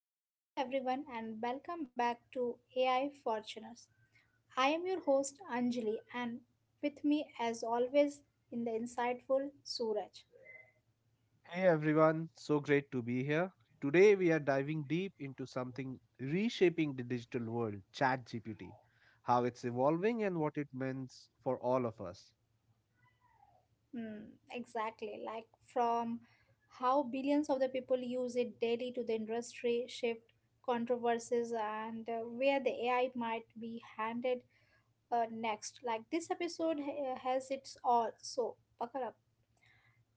So, hello everyone, and welcome back to AI Fortuners. I am your host Anjali, and with me, as always, in the insightful Suraj. Hey everyone, so great to be here. Today we are diving deep into something reshaping the digital world, ChatGPT, how it's evolving and what it means for all of us. Mm, exactly, like from how billions of the people use it daily to the industry shift, controversies, and where the AI might be handed next. Like this episode has its all. So, buckle up.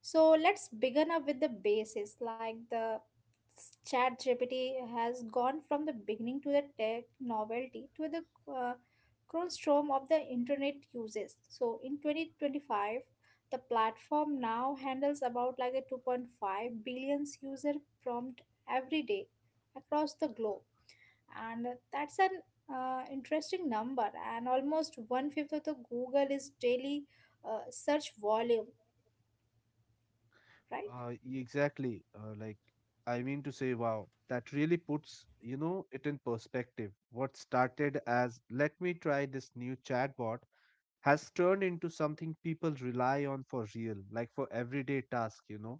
So let's begin up with the basis. Like the chat GPT has gone from the beginning to the tech novelty to the cornerstone of the internet uses. So in 2025, the platform now handles about like a 2.5 billions user prompt every day across the globe. And that's an interesting number and almost one fifth of the Google is daily search volume, right? Exactly, like I mean to say, wow, that really puts it in perspective. What started as let me try this new chatbot has turned into something people rely on for real, like for everyday tasks, you know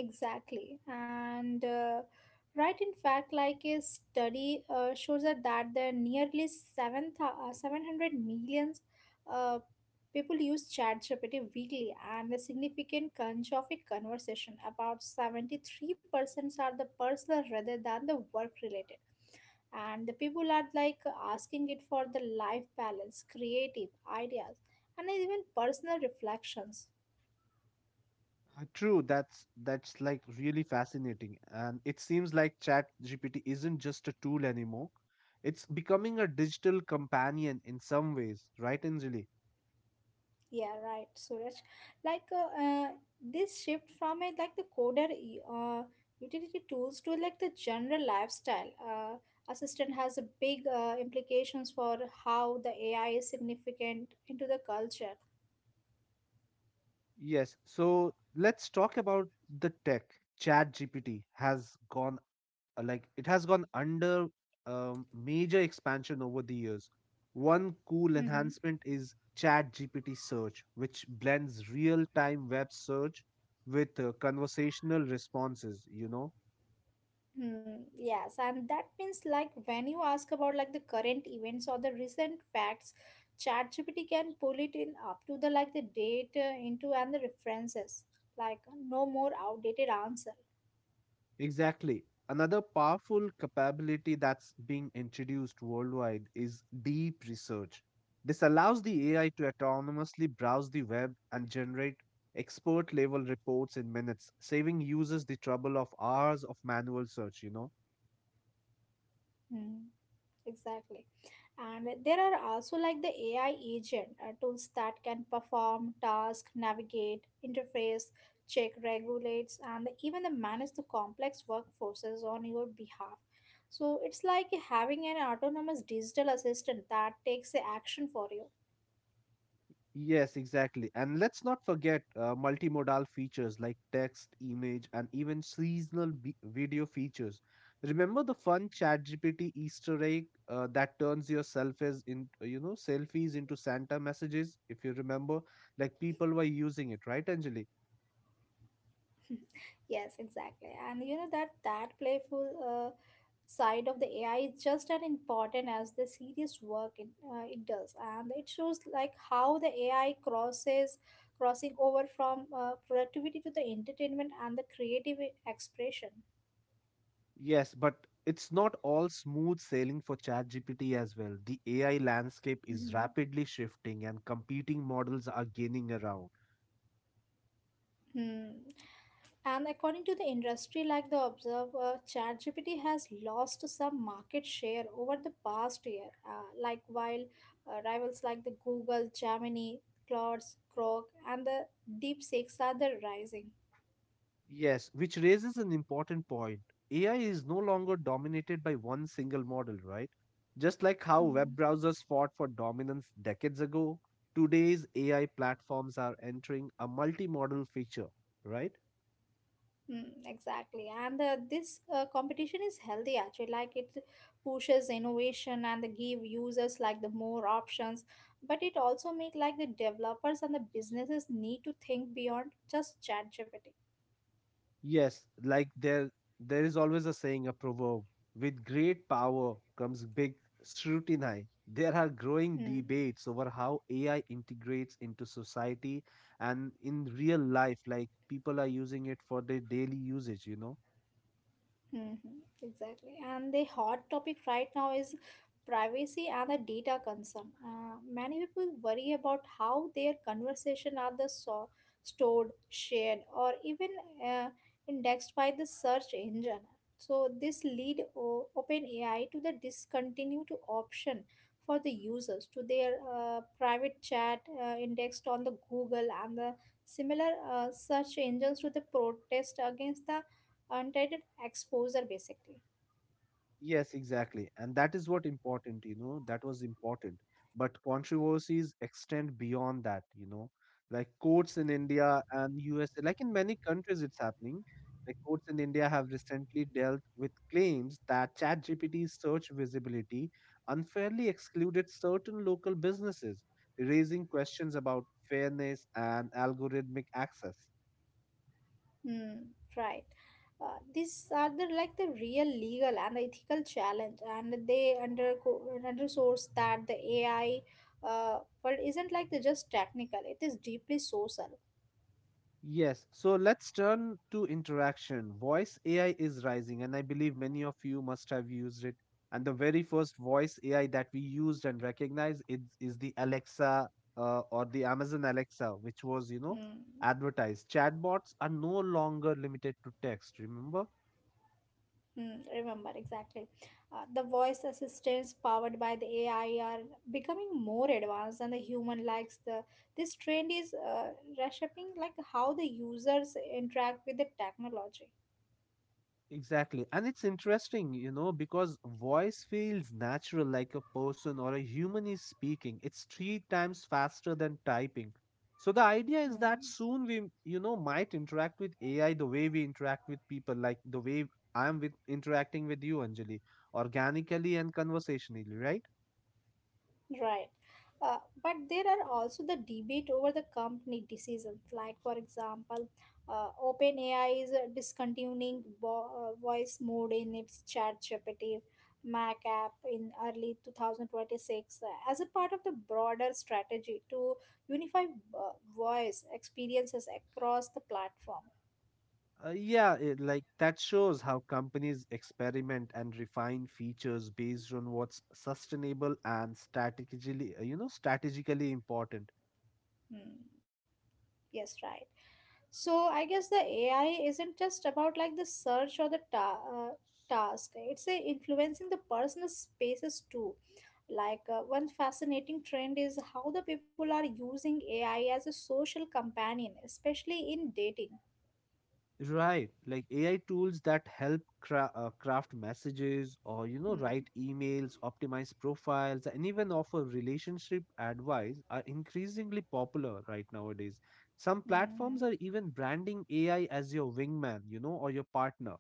Exactly. And right, in fact, like a study shows that the nearly 7, 700 millions uh, people use ChatGPT weekly, and a significant crunch of a conversation about 73% are the personal rather than the work related. And the people are like asking it for the life balance, creative ideas, and even personal reflections. Uh, True, that's like really fascinating. And it seems like Chat GPT isn't just a tool anymore. It's becoming a digital companion in some ways, right, Anjali? Yeah, right, Suraj. Like this shift from a like the coder utility tools to like the general lifestyle assistant has a big implications for how the AI is significant into the culture. Yes. So let's talk about the tech. Chat GPT has gone under major expansion over the years. One cool Mm-hmm. enhancement is Chat GPT search, which blends real time web search with conversational responses. Yes, and that means like when you ask about like the current events or the recent facts, ChatGPT can pull it in up to the like the data into and the references. Like no more outdated answer. Exactly. Another powerful capability that's being introduced worldwide is deep research. This allows the AI to autonomously browse the web and generate expert level reports in minutes, saving users the trouble of hours of manual search. Hmm. Exactly. And there are also like the AI agent tools that can perform task, navigate, interface, check, regulates, and even the manage the complex workforces on your behalf. So it's like having an autonomous digital assistant that takes the action for you. Yes, exactly. And let's not forget multimodal features like text, image, and even seasonal video features. Remember the fun ChatGPT Easter egg that turns your selfies into Santa messages, if you remember? Like people were using it, right, Anjali? Yes, exactly. And you know that playful side of the AI is just as important as the serious work it does, and it shows like how the AI crosses crossing over from productivity to the entertainment and the creative expression. Yes, but it's not all smooth sailing for ChatGPT as well. The AI landscape is Mhm. rapidly shifting and competing models are gaining ground. Hmm. And according to the industry, like the observer, ChatGPT has lost some market share over the past year. Like while rivals like the Google, Gemini, Claude, Grok, and the DeepSeeks are the rising. Yes, which raises an important point. AI is no longer dominated by one single model, right? Just like how Hmm. web browsers fought for dominance decades ago, today's AI platforms are entering a multimodal feature, right? Exactly, and this competition is healthy actually. Like it pushes innovation and they give users like the more options, but it also make like the developers and the businesses need to think beyond just chat GPT. Yes, like there is always a saying, a proverb, with great power comes big scrutiny. There are growing Hmm. debates over how AI integrates into society and in real life, like people are using it for their daily usage. Hmm. Exactly. And the hot topic right now is privacy and the data concern. Many people worry about how their conversation are the stored, shared, or even uh, indexed by the search engine. So this lead OpenAI to the discontinued option for the users to their private chat indexed on the Google and the similar search engines to the protest against the untitled exposure basically. Yes, exactly. And that is what important, that was important. But controversies extend beyond that, like courts in India and USA, like in many countries it's happening. Like courts in India have recently dealt with claims that ChatGPT's search visibility unfairly excluded certain local businesses, raising questions about fairness and algorithmic access. mm, right. These are the like the real legal and ethical challenge and they underscores that the AI world isn't like the just technical, it is deeply social. Yes, so let's turn to interaction. Voice AI is rising, and I believe many of you must have used it. And the very first voice AI that we used and recognized is the Alexa or the Amazon Alexa, which was, mm, advertised. Chatbots are no longer limited to text, remember? Remember exactly. The voice assistants powered by the AI are becoming more advanced and the human likes the this trend is reshaping like how the users interact with the technology. Exactly. And it's interesting, because voice feels natural like a person or a human is speaking. It's three times faster than typing. So the idea is that Hmm. soon we, might interact with AI the way we interact with people, like the way I'm with interacting with you, Anjali, organically and conversationally, right? Right. But there are also the debate over the company decisions. Like, for example, OpenAI is discontinuing voice mode in its ChatGPT Mac app in early 2026 as a part of the broader strategy to unify voice experiences across the platform. Yeah, like that shows how companies experiment and refine features based on what's sustainable and strategically important. Hmm. Yes, right. So I guess the AI isn't just about like the search or the task. It's influencing the personal spaces too. Like one fascinating trend is how the people are using AI as a social companion, especially in dating. Right, like AI tools that help craft messages or write Hmm. emails, optimize profiles, and even offer relationship advice are increasingly popular right nowadays. Some platforms Mhm. are even branding AI as your wingman, or your partner.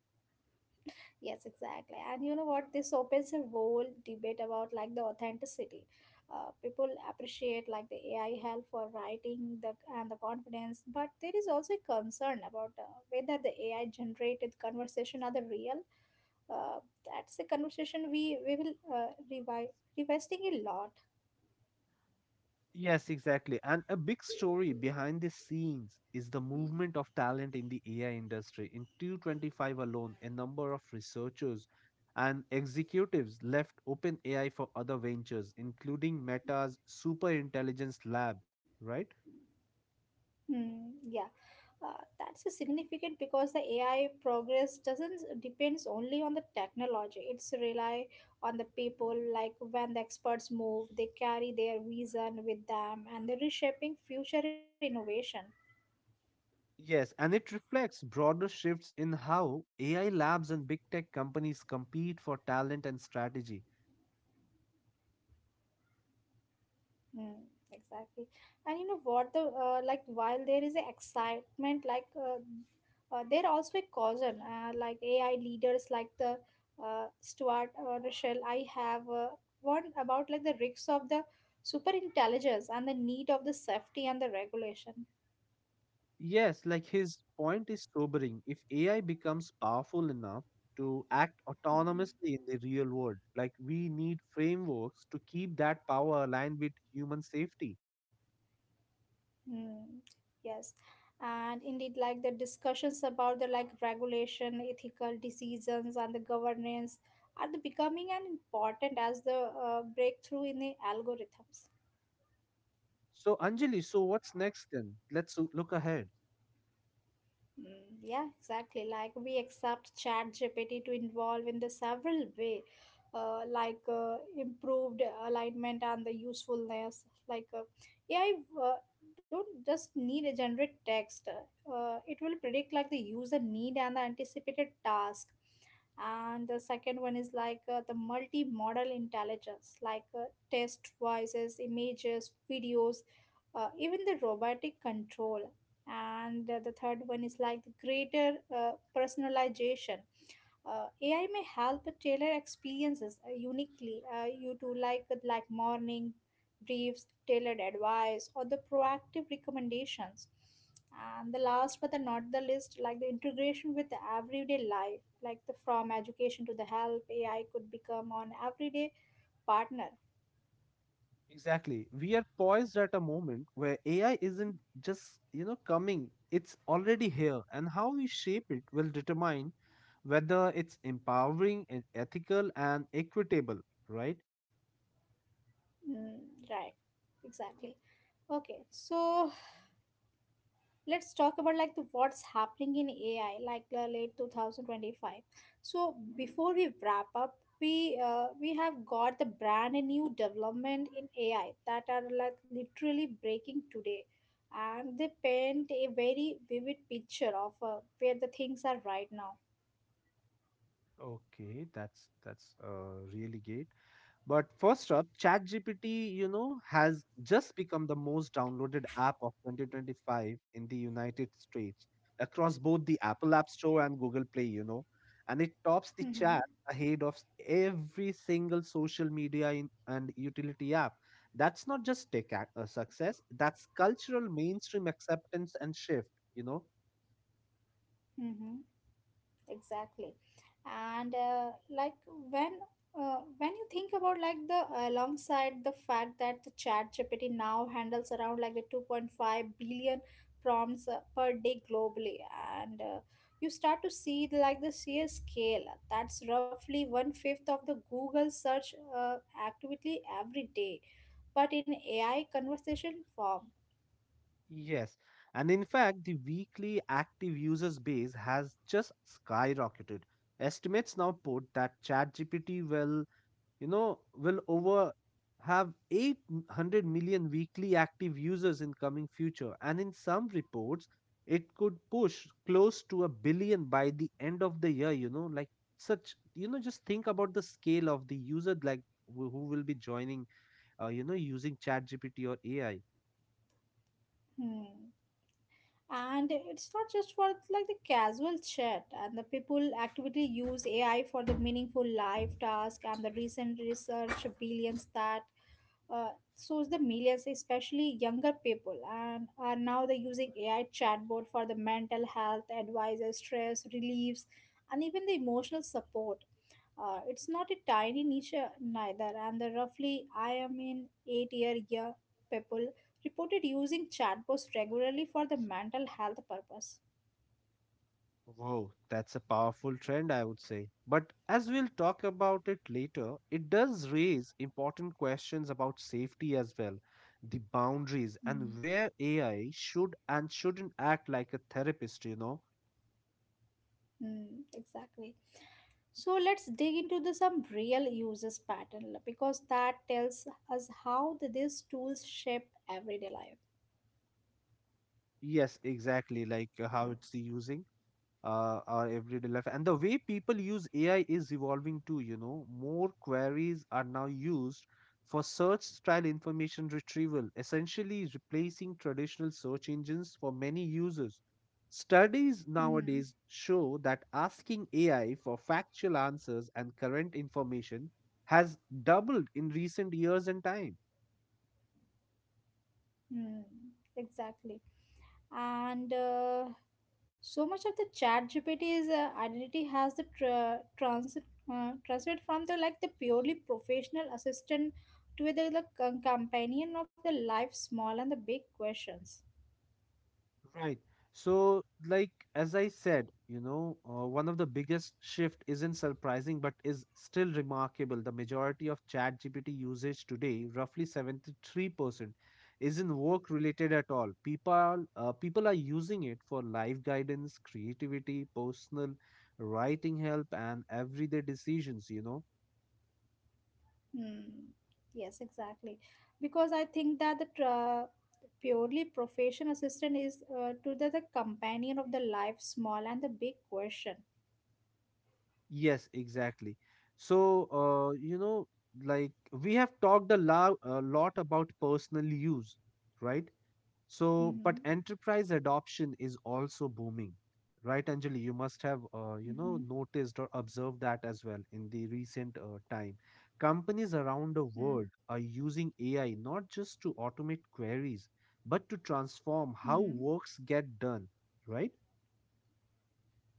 Yes, exactly. And you know what? This opens a whole debate about like the authenticity. People appreciate like the AI help for writing the and the confidence, but there is also a concern about whether the AI generated conversation are the real. Uh, that's a conversation we will revisiting a lot. Yes, exactly. And a big story behind the scenes is the movement of talent in the AI industry. In 225 alone, a number of researchers and executives left OpenAI for other ventures, including Meta's superintelligence lab, right? Hmm, yeah, that's a significant because the AI progress doesn't depends only on the technology. It's rely on the people. Like when the experts move, they carry their vision with them, and they're reshaping future innovation. Yes, and it reflects broader shifts in how AI labs and big tech companies compete for talent and strategy. Mm, exactly. And you know what the like while there is a excitement like there also a caution like AI leaders like the Stuart Russell I have one about like the risks of the super intelligence and the need of the safety and the regulation. Yes, like his point is sobering. If AI becomes powerful enough to act Mm. autonomously in the real world, like we need frameworks to keep that power aligned with human safety. Mm, yes, and indeed, like the discussions about the like regulation, ethical decisions, and the governance are the becoming an important as the breakthrough in the algorithms. So, Anjali, so what's next then? Let's look ahead. Yeah, exactly. Like we accept Chat GPT to involve in the several way, like improved alignment and the usefulness. Like AI uh, don't just need a generate text. It will predict like the user need and the anticipated task. And the second one is like the multi-modal intelligence, like text voices, images, videos, even the robotic control and the third one is like the greater personalization. AI may help tailor experiences uniquely you to like morning briefs, tailored advice, or the proactive recommendations. And the last but the not the least, like the integration with the everyday life like the from education to the help, AI could become an everyday partner. Exactly. We are poised at a moment where AI isn't just, coming, it's already here. And how we shape it will determine whether it's empowering and ethical and equitable, right? Mm, right, exactly. Okay, so let's talk about like the what's happening in AI like late 2025. So before we wrap up, we have got the brand new development in AI that are like literally breaking today and they paint a very vivid picture of where the things are right now. Okay, that's really great. But first up, ChatGPT, has just become the most downloaded app of 2025 in the United States across both the Apple App Store and Google Play, and it tops the Mm-hmm. chat ahead of every single social media in, and utility app. That's not just tech success, that's cultural mainstream acceptance and shift, you know. Mm-hmm. Exactly. And like when when you think about like the alongside the fact that the chat GPT now handles around like the 2.5 billion prompts per day globally and you start to see the, like the sheer scale. That's roughly one fifth of the Google search activity every day, but in AI conversation form. Yes, and in fact, the weekly active users base has just skyrocketed. Estimates now put that ChatGPT will over have 800 million weekly active users in coming future, and in some reports, it could push close to a billion by the end of the year. Like such, just think about the scale of the user, like who will be joining, using ChatGPT or AI. Hmm. And it's not just for like the casual chat and the people actively use AI for the meaningful life task and the recent research billions that uh, so the millions, especially younger people, and are now they using AI chatbot for the mental health advisors, stress reliefs, and even the emotional support. It's not a tiny niche neither, and the roughly I am in eight year people reported using chatbots regularly for the mental health purpose. Whoa, that's a powerful trend, I would say. But as we'll talk about it later, it does raise important questions about safety as well, the boundaries, and Mm. where AI should and shouldn't act like a therapist, you know? Mm, exactly. So let's dig into the some real users pattern because that tells us how the, these tools shape everyday life. Yes, exactly, like how it's using our everyday life, and the way people use AI is evolving too. More queries are now used for search style information retrieval, essentially replacing traditional search engines for many users. Studies Mm-hmm. nowadays show that asking AI for factual answers and current information has doubled in recent years and time. Mm, exactly. And so much of the chat GPT's identity has the tra- transit translated from the like the purely professional assistant to the companion of the life small and the big questions. Right. So, like as I said, one of the biggest shift isn't surprising, but is still remarkable. The majority of ChatGPT usage today, roughly 73%, isn't work related at all. People are using it for life guidance, creativity, personal writing help, and everyday decisions. Hmm. Yes, exactly. Because I think that the purely professional assistant is to the companion of the life small and the big question. Yes, exactly. So, like we have talked a lot about personal use, right? So, but Mm-hmm. enterprise adoption is also booming, right, Anjali? You must have, Mm-hmm. Noticed or observed that as well in the recent time. Companies around the Mm-hmm. world are using AI not just to automate queries, but to transform how Mm-hmm. works get done, right?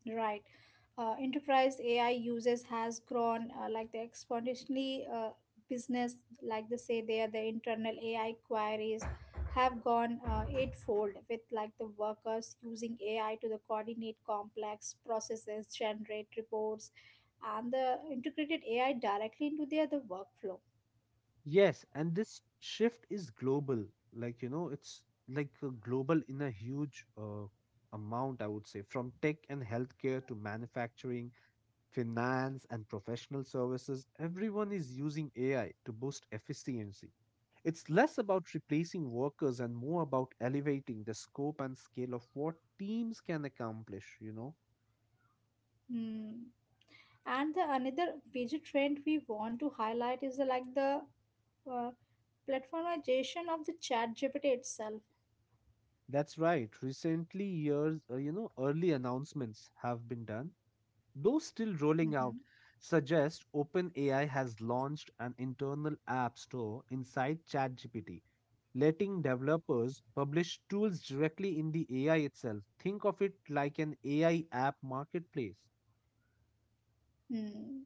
Right. Enterprise AI uses has grown like the exponentially business, like they say there, the internal AI queries have gone eightfold with like the workers using AI to the coordinate complex processes, generate reports, and the integrated AI directly into their the workflow. Yes, and this shift is global. Like, it's like global in a huge amount, I would say, from tech and healthcare to manufacturing, finance, and professional services, everyone is using AI to boost efficiency. It's less about replacing workers and more about elevating the scope and scale of what teams can accomplish. Hmm. And the another major trend we want to highlight is the, like the uh, platformization of the chat GPT itself. That's right. Recently, early announcements have been done, though still rolling Mhm. out, suggest OpenAI has launched an internal app store inside ChatGPT, letting developers publish tools directly in the AI itself. Think of it like an AI app marketplace. Hmm.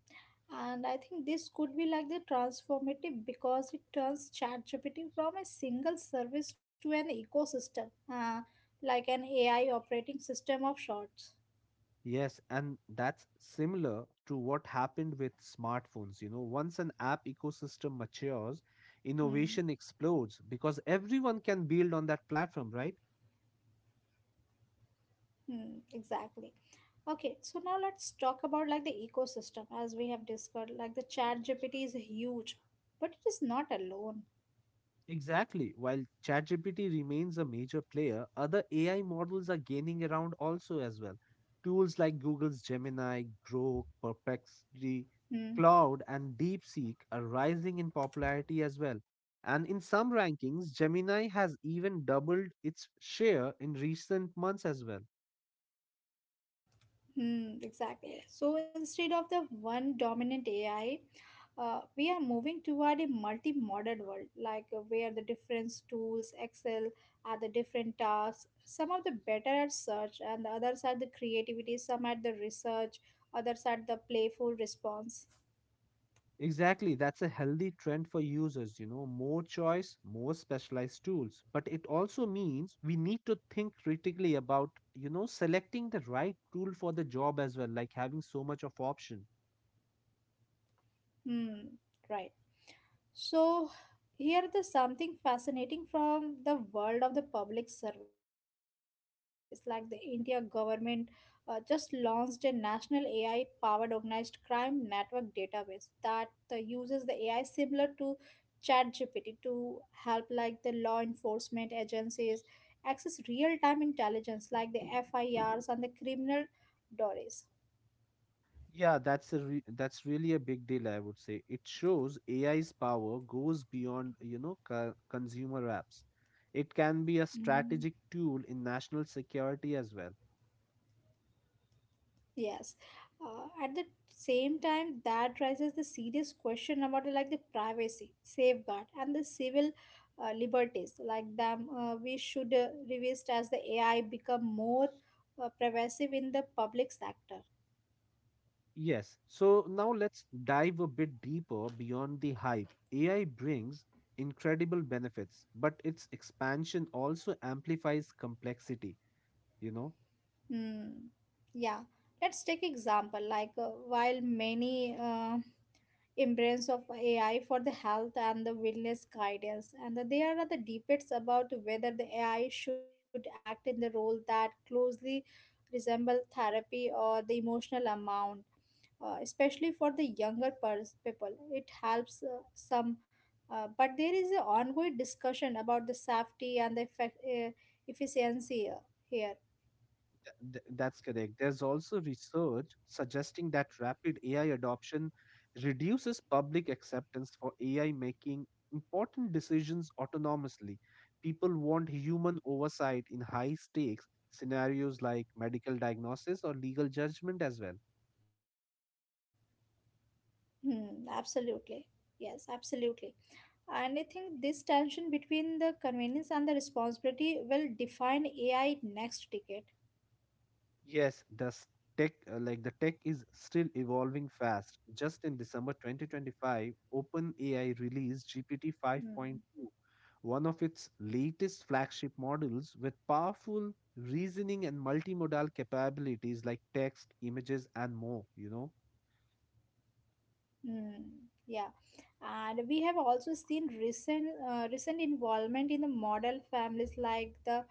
And I think this could be like the transformative because it turns ChatGPT from a single service to an ecosystem, like an AI operating system of sorts. Yes, and that's similar to what happened with smartphones. Once an app ecosystem matures, Hmm. innovation explodes because everyone can build on that platform, right? Hmm. Exactly. Okay, so now let's talk about like the ecosystem as we have discussed. Like the ChatGPT is huge, but it is not alone. Exactly. While ChatGPT remains a major player, other AI models are gaining around also as well. Tools like Google's Gemini, Grok, Perplexity, Hmm. Cloud, and DeepSeek are rising in popularity as well. And in some rankings, Gemini has even doubled its share in recent months as well. Hmm, exactly. So instead of the one dominant AI, we are moving toward a multi-modal world, like where the different tools excel at the different tasks. Some of the better at search, and the others are the creativity. Some at the research, others at the playful response. Exactly, that's a healthy trend for users, more choice, more specialized tools. But it also means we need to think critically about, selecting the right tool for the job as well, like having so much of option. Hmm, right. So here the something fascinating from the world of the public service, like the India government just launched a national AI-powered organized crime network database that uses the AI similar to ChatGPT to help like the law enforcement agencies access real-time intelligence like the FIRs and the criminal dories. Yeah, that's really a big deal, I would say. It shows AI's power goes beyond, consumer apps. It can be a Mm. strategic tool in national security as well. Yes. At the same time, that raises the serious question about like the privacy safeguard and the civil liberties. Like them, we should revisit as the AI become more pervasive in the public sector. Yes. So now let's dive a bit deeper beyond the hype. AI brings incredible benefits, but its expansion also amplifies complexity. You know, Hmm. Yeah. Let's take example. Like while many embrace of AI for the health and the wellness guidance. And there are the debates about whether the AI should act in the role that closely resemble therapy or the emotional amount, especially for the younger people. It helps some, but there is an ongoing discussion about the safety and the efficiency here. that's correct. There's also research suggesting that rapid AI adoption reduces public acceptance for AI making important decisions autonomously. People want human oversight in high stakes scenarios like medical diagnosis or legal judgment as well. Hmm, absolutely. Yes, absolutely. And I think this tension between the convenience and the responsibility will define AI next decade. Yes, the tech is still evolving fast. Just in December 2025, OpenAI released GPT Mm. 5.2, one of its latest flagship models with powerful reasoning and multimodal capabilities like text, images and more. Mm, yeah, and we have also seen recent involvement in the model families like the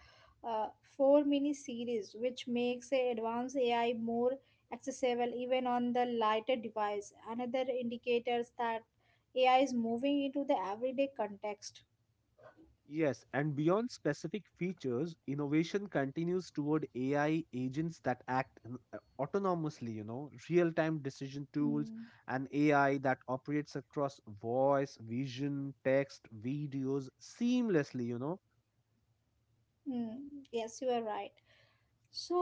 uh, four mini series, which makes a advanced AI more accessible even on the lighter device. Another indicators that AI is moving into the everyday context. Yes, and beyond specific features, innovation continues toward AI agents that act autonomously, real time decision tools, Mm. and AI that operates across voice, vision, text, videos seamlessly. Mm, yes, you are right. So,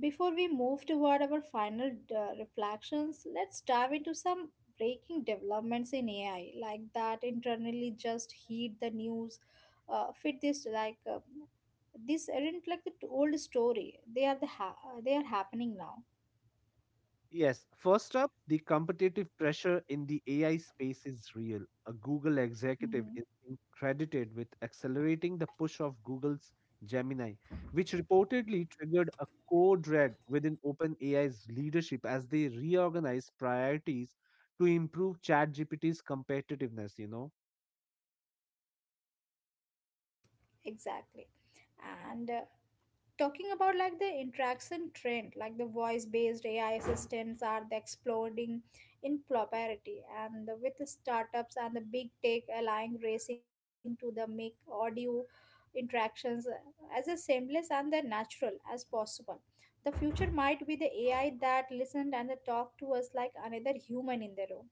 before we move toward our final reflections, let's dive into some breaking developments in AI, like that internally just heed the news, fit this like these aren't like the old story. They are happening now. Yes, first up, the competitive pressure in the AI space is real. A Google executive is Hmm. being credited with accelerating the push of Google's Gemini, which reportedly triggered a code red within OpenAI's leadership as they reorganize priorities to improve ChatGPT's competitiveness. Exactly, and talking about like the interaction trend, like the voice based AI assistants are the exploding in popularity and the, with the startups and the big tech allowing racing to the make audio interactions as a seamless and the natural as possible. The future might be the AI that listened and the talk to us like another human in the room.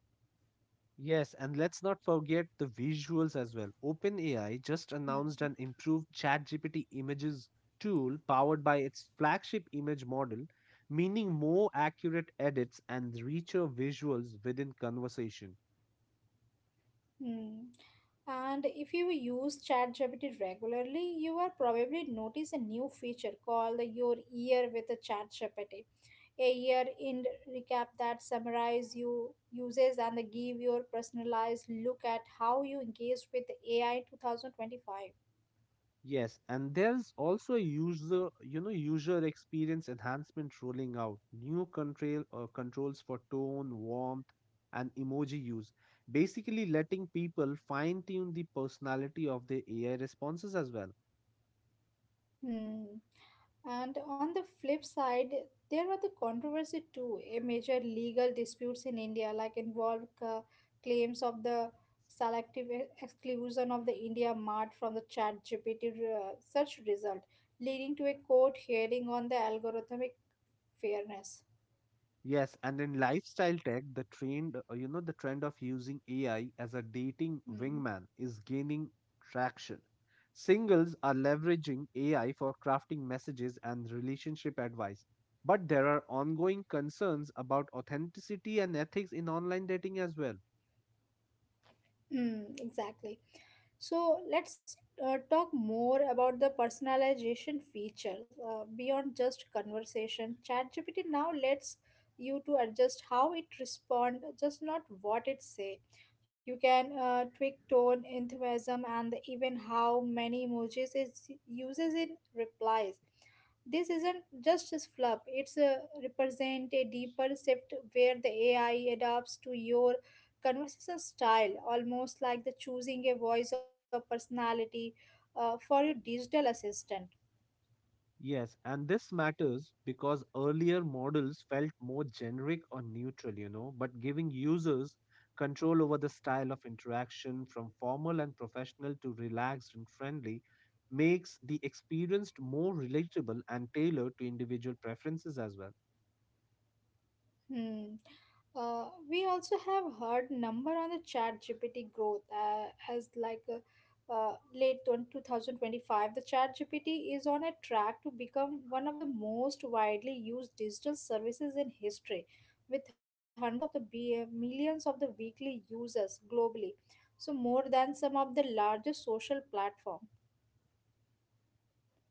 Yes, and let's not forget the visuals as well. OpenAI just announced an Hmm. improved ChatGPT images tool powered by its flagship image model, meaning more accurate edits and richer visuals within conversation. Hmm. And if you use ChatGPT regularly, you will probably notice a new feature called Your Year with ChatGPT. A year-end recap that summarizes your uses and give your personalized look at how you engaged with AI in 2025. Yes, and there's also a user experience enhancement rolling out new controls for tone, warmth, and emoji use, basically letting people fine tune the personality of their AI responses as well. Hmm. And on the flip side, there are the controversy too. A major legal disputes in India, like involved claims of the selective exclusion of the India Mart from the Chat GPT search result, leading to a court hearing on the algorithmic fairness. Yes, and in lifestyle tech, the trend of using AI as a dating Hmm. wingman is gaining traction. Singles are leveraging AI for crafting messages and relationship advice. But there are ongoing concerns about authenticity and ethics in online dating as well. Hmm, exactly. So let's talk more about the personalization features beyond just conversation. ChatGPT now lets you to adjust how it respond, just not what it say. You can tweak tone, enthusiasm, and even how many emojis it uses in replies. This isn't just a fluff, it's a represent a deeper shift where the AI adapts to your conversation style, almost like the choosing a voice or personality for your digital assistant. Yes, and this matters because earlier models felt more generic or neutral, but giving users control over the style of interaction, from formal and professional to relaxed and friendly, makes the experience more relatable and tailored to individual preferences as well. Hmm. We also have heard number on the chat GPT growth as like late 2025. The chat GPT is on a track to become one of the most widely used digital services in history with hundreds of the millions of the weekly users globally. So more than some of the largest social platform.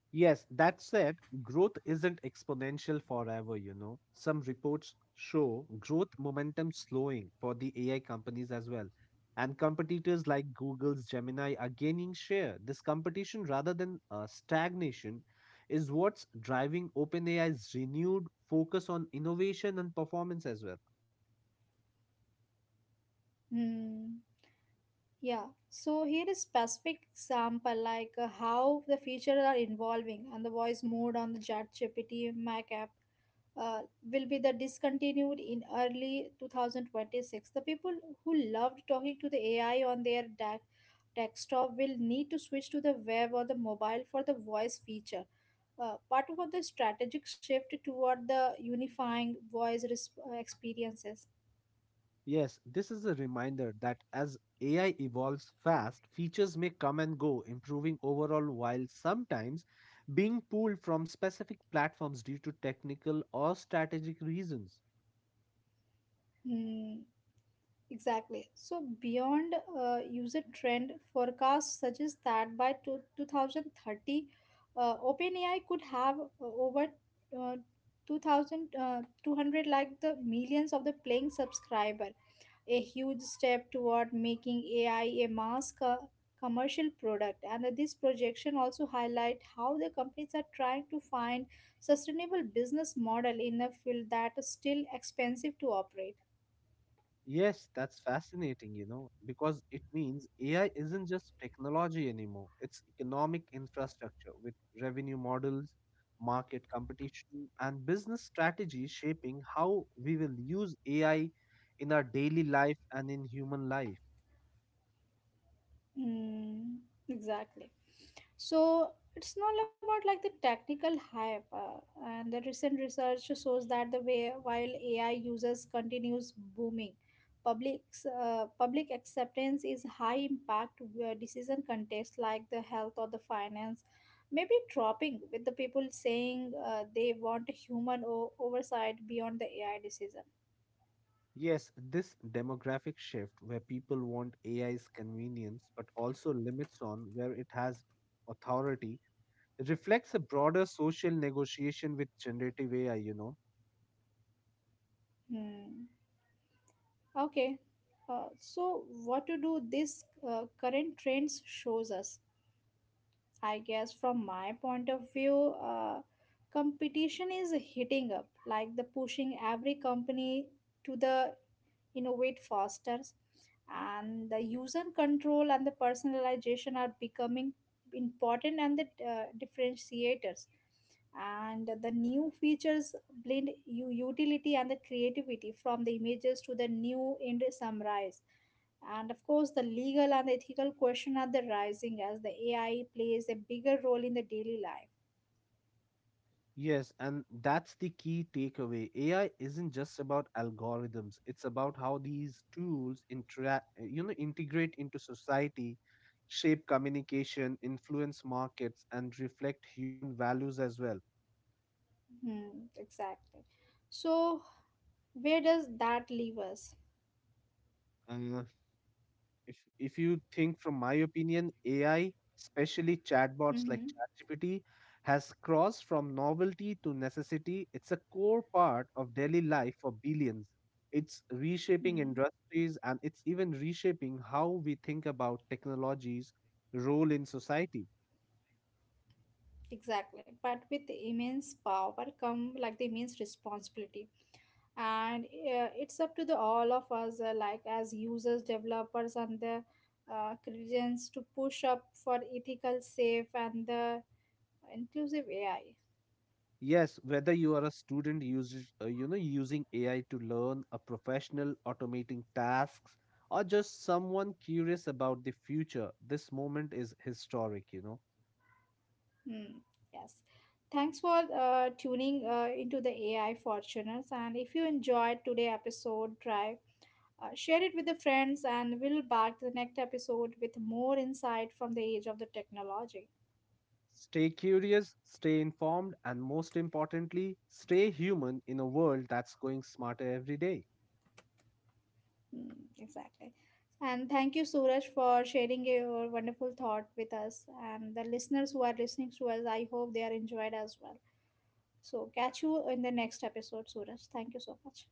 Yes, that said, growth isn't exponential forever. Some reports show growth momentum slowing for the AI companies as well. And competitors like Google's Gemini are gaining share. This competition, rather than stagnation, is what's driving OpenAI's renewed focus on innovation and performance as well. Hmm. Yeah, so here is specific example like how the features are evolving, and the voice mode on the ChatGPT Mac app uh, will be the discontinued in early 2026. The people who loved talking to the AI on their desktop will need to switch to the web or the mobile for the voice feature. Part of the strategic shift toward the unifying voice experiences. Yes, this is a reminder that as AI evolves fast, features may come and go, improving overall while sometimes being pulled from specific platforms due to technical or strategic reasons. Hmm. Exactly. So beyond user trend, forecast suggests that by 2030, OpenAI could have over uh, 2,200 like the millions of the paying subscriber, a huge step toward making AI a mass commercial product. And this projection also highlight how the companies are trying to find sustainable business model in a field that is still expensive to operate. Yes, that's fascinating, because it means AI isn't just technology anymore, it's economic infrastructure with revenue models, market competition, and business strategy shaping how we will use AI in our daily life and in human life. Mm, exactly. So it's not about like the technical hype, and the recent research shows that the way while AI users continues booming, public public acceptance is high impact where decision context like the health or the finance may be dropping with the people saying they want a human oversight beyond the AI decision. Yes, this demographic shift, where people want AI's convenience but also limits on where it has authority, reflects a broader social negotiation with generative AI. Hmm. Okay, so what to do this current trends shows us. I guess from my point of view, competition is hitting up, like the pushing every company to the innovate faster, and the user control and the personalization are becoming important and the differentiators and the new features blend utility and the creativity, from the images to the new end summarize. And of course the legal and ethical question are the rising as the AI plays a bigger role in the daily life. Yes, and that's the key takeaway. AI isn't just about algorithms, it's about how these tools interact, integrate into society, shape communication, influence markets, and reflect human values as well. Hmm, exactly. So where does that leave us? Uh, if if you think, from my opinion, AI especially chatbots Mm-hmm. like ChatGPT has crossed from novelty to necessity. It's a core part of daily life for billions. It's reshaping Hmm. industries, and it's even reshaping how we think about technology's role in society. Exactly. But with the immense power come like the immense responsibility. And it's up to the all of us, like as users, developers, and the citizens to push up for ethical, safe, and the inclusive AI. Yes, whether you are a student using AI to learn, a professional automating tasks, or just someone curious about the future, this moment is historic. Hmm. Yes. Thanks for tuning into the AI Fortuners. And if you enjoyed today episode, try share it with the friends, and we'll back to the next episode with more insight from the age of the technology. Stay curious, stay informed, and most importantly, stay human in a world that's going smarter every day. Mm, exactly. And thank you, Suraj, for sharing your wonderful thought with us. And the listeners who are listening to us, I hope they are enjoyed as well. So, catch you in the next episode, Suraj. Thank you so much.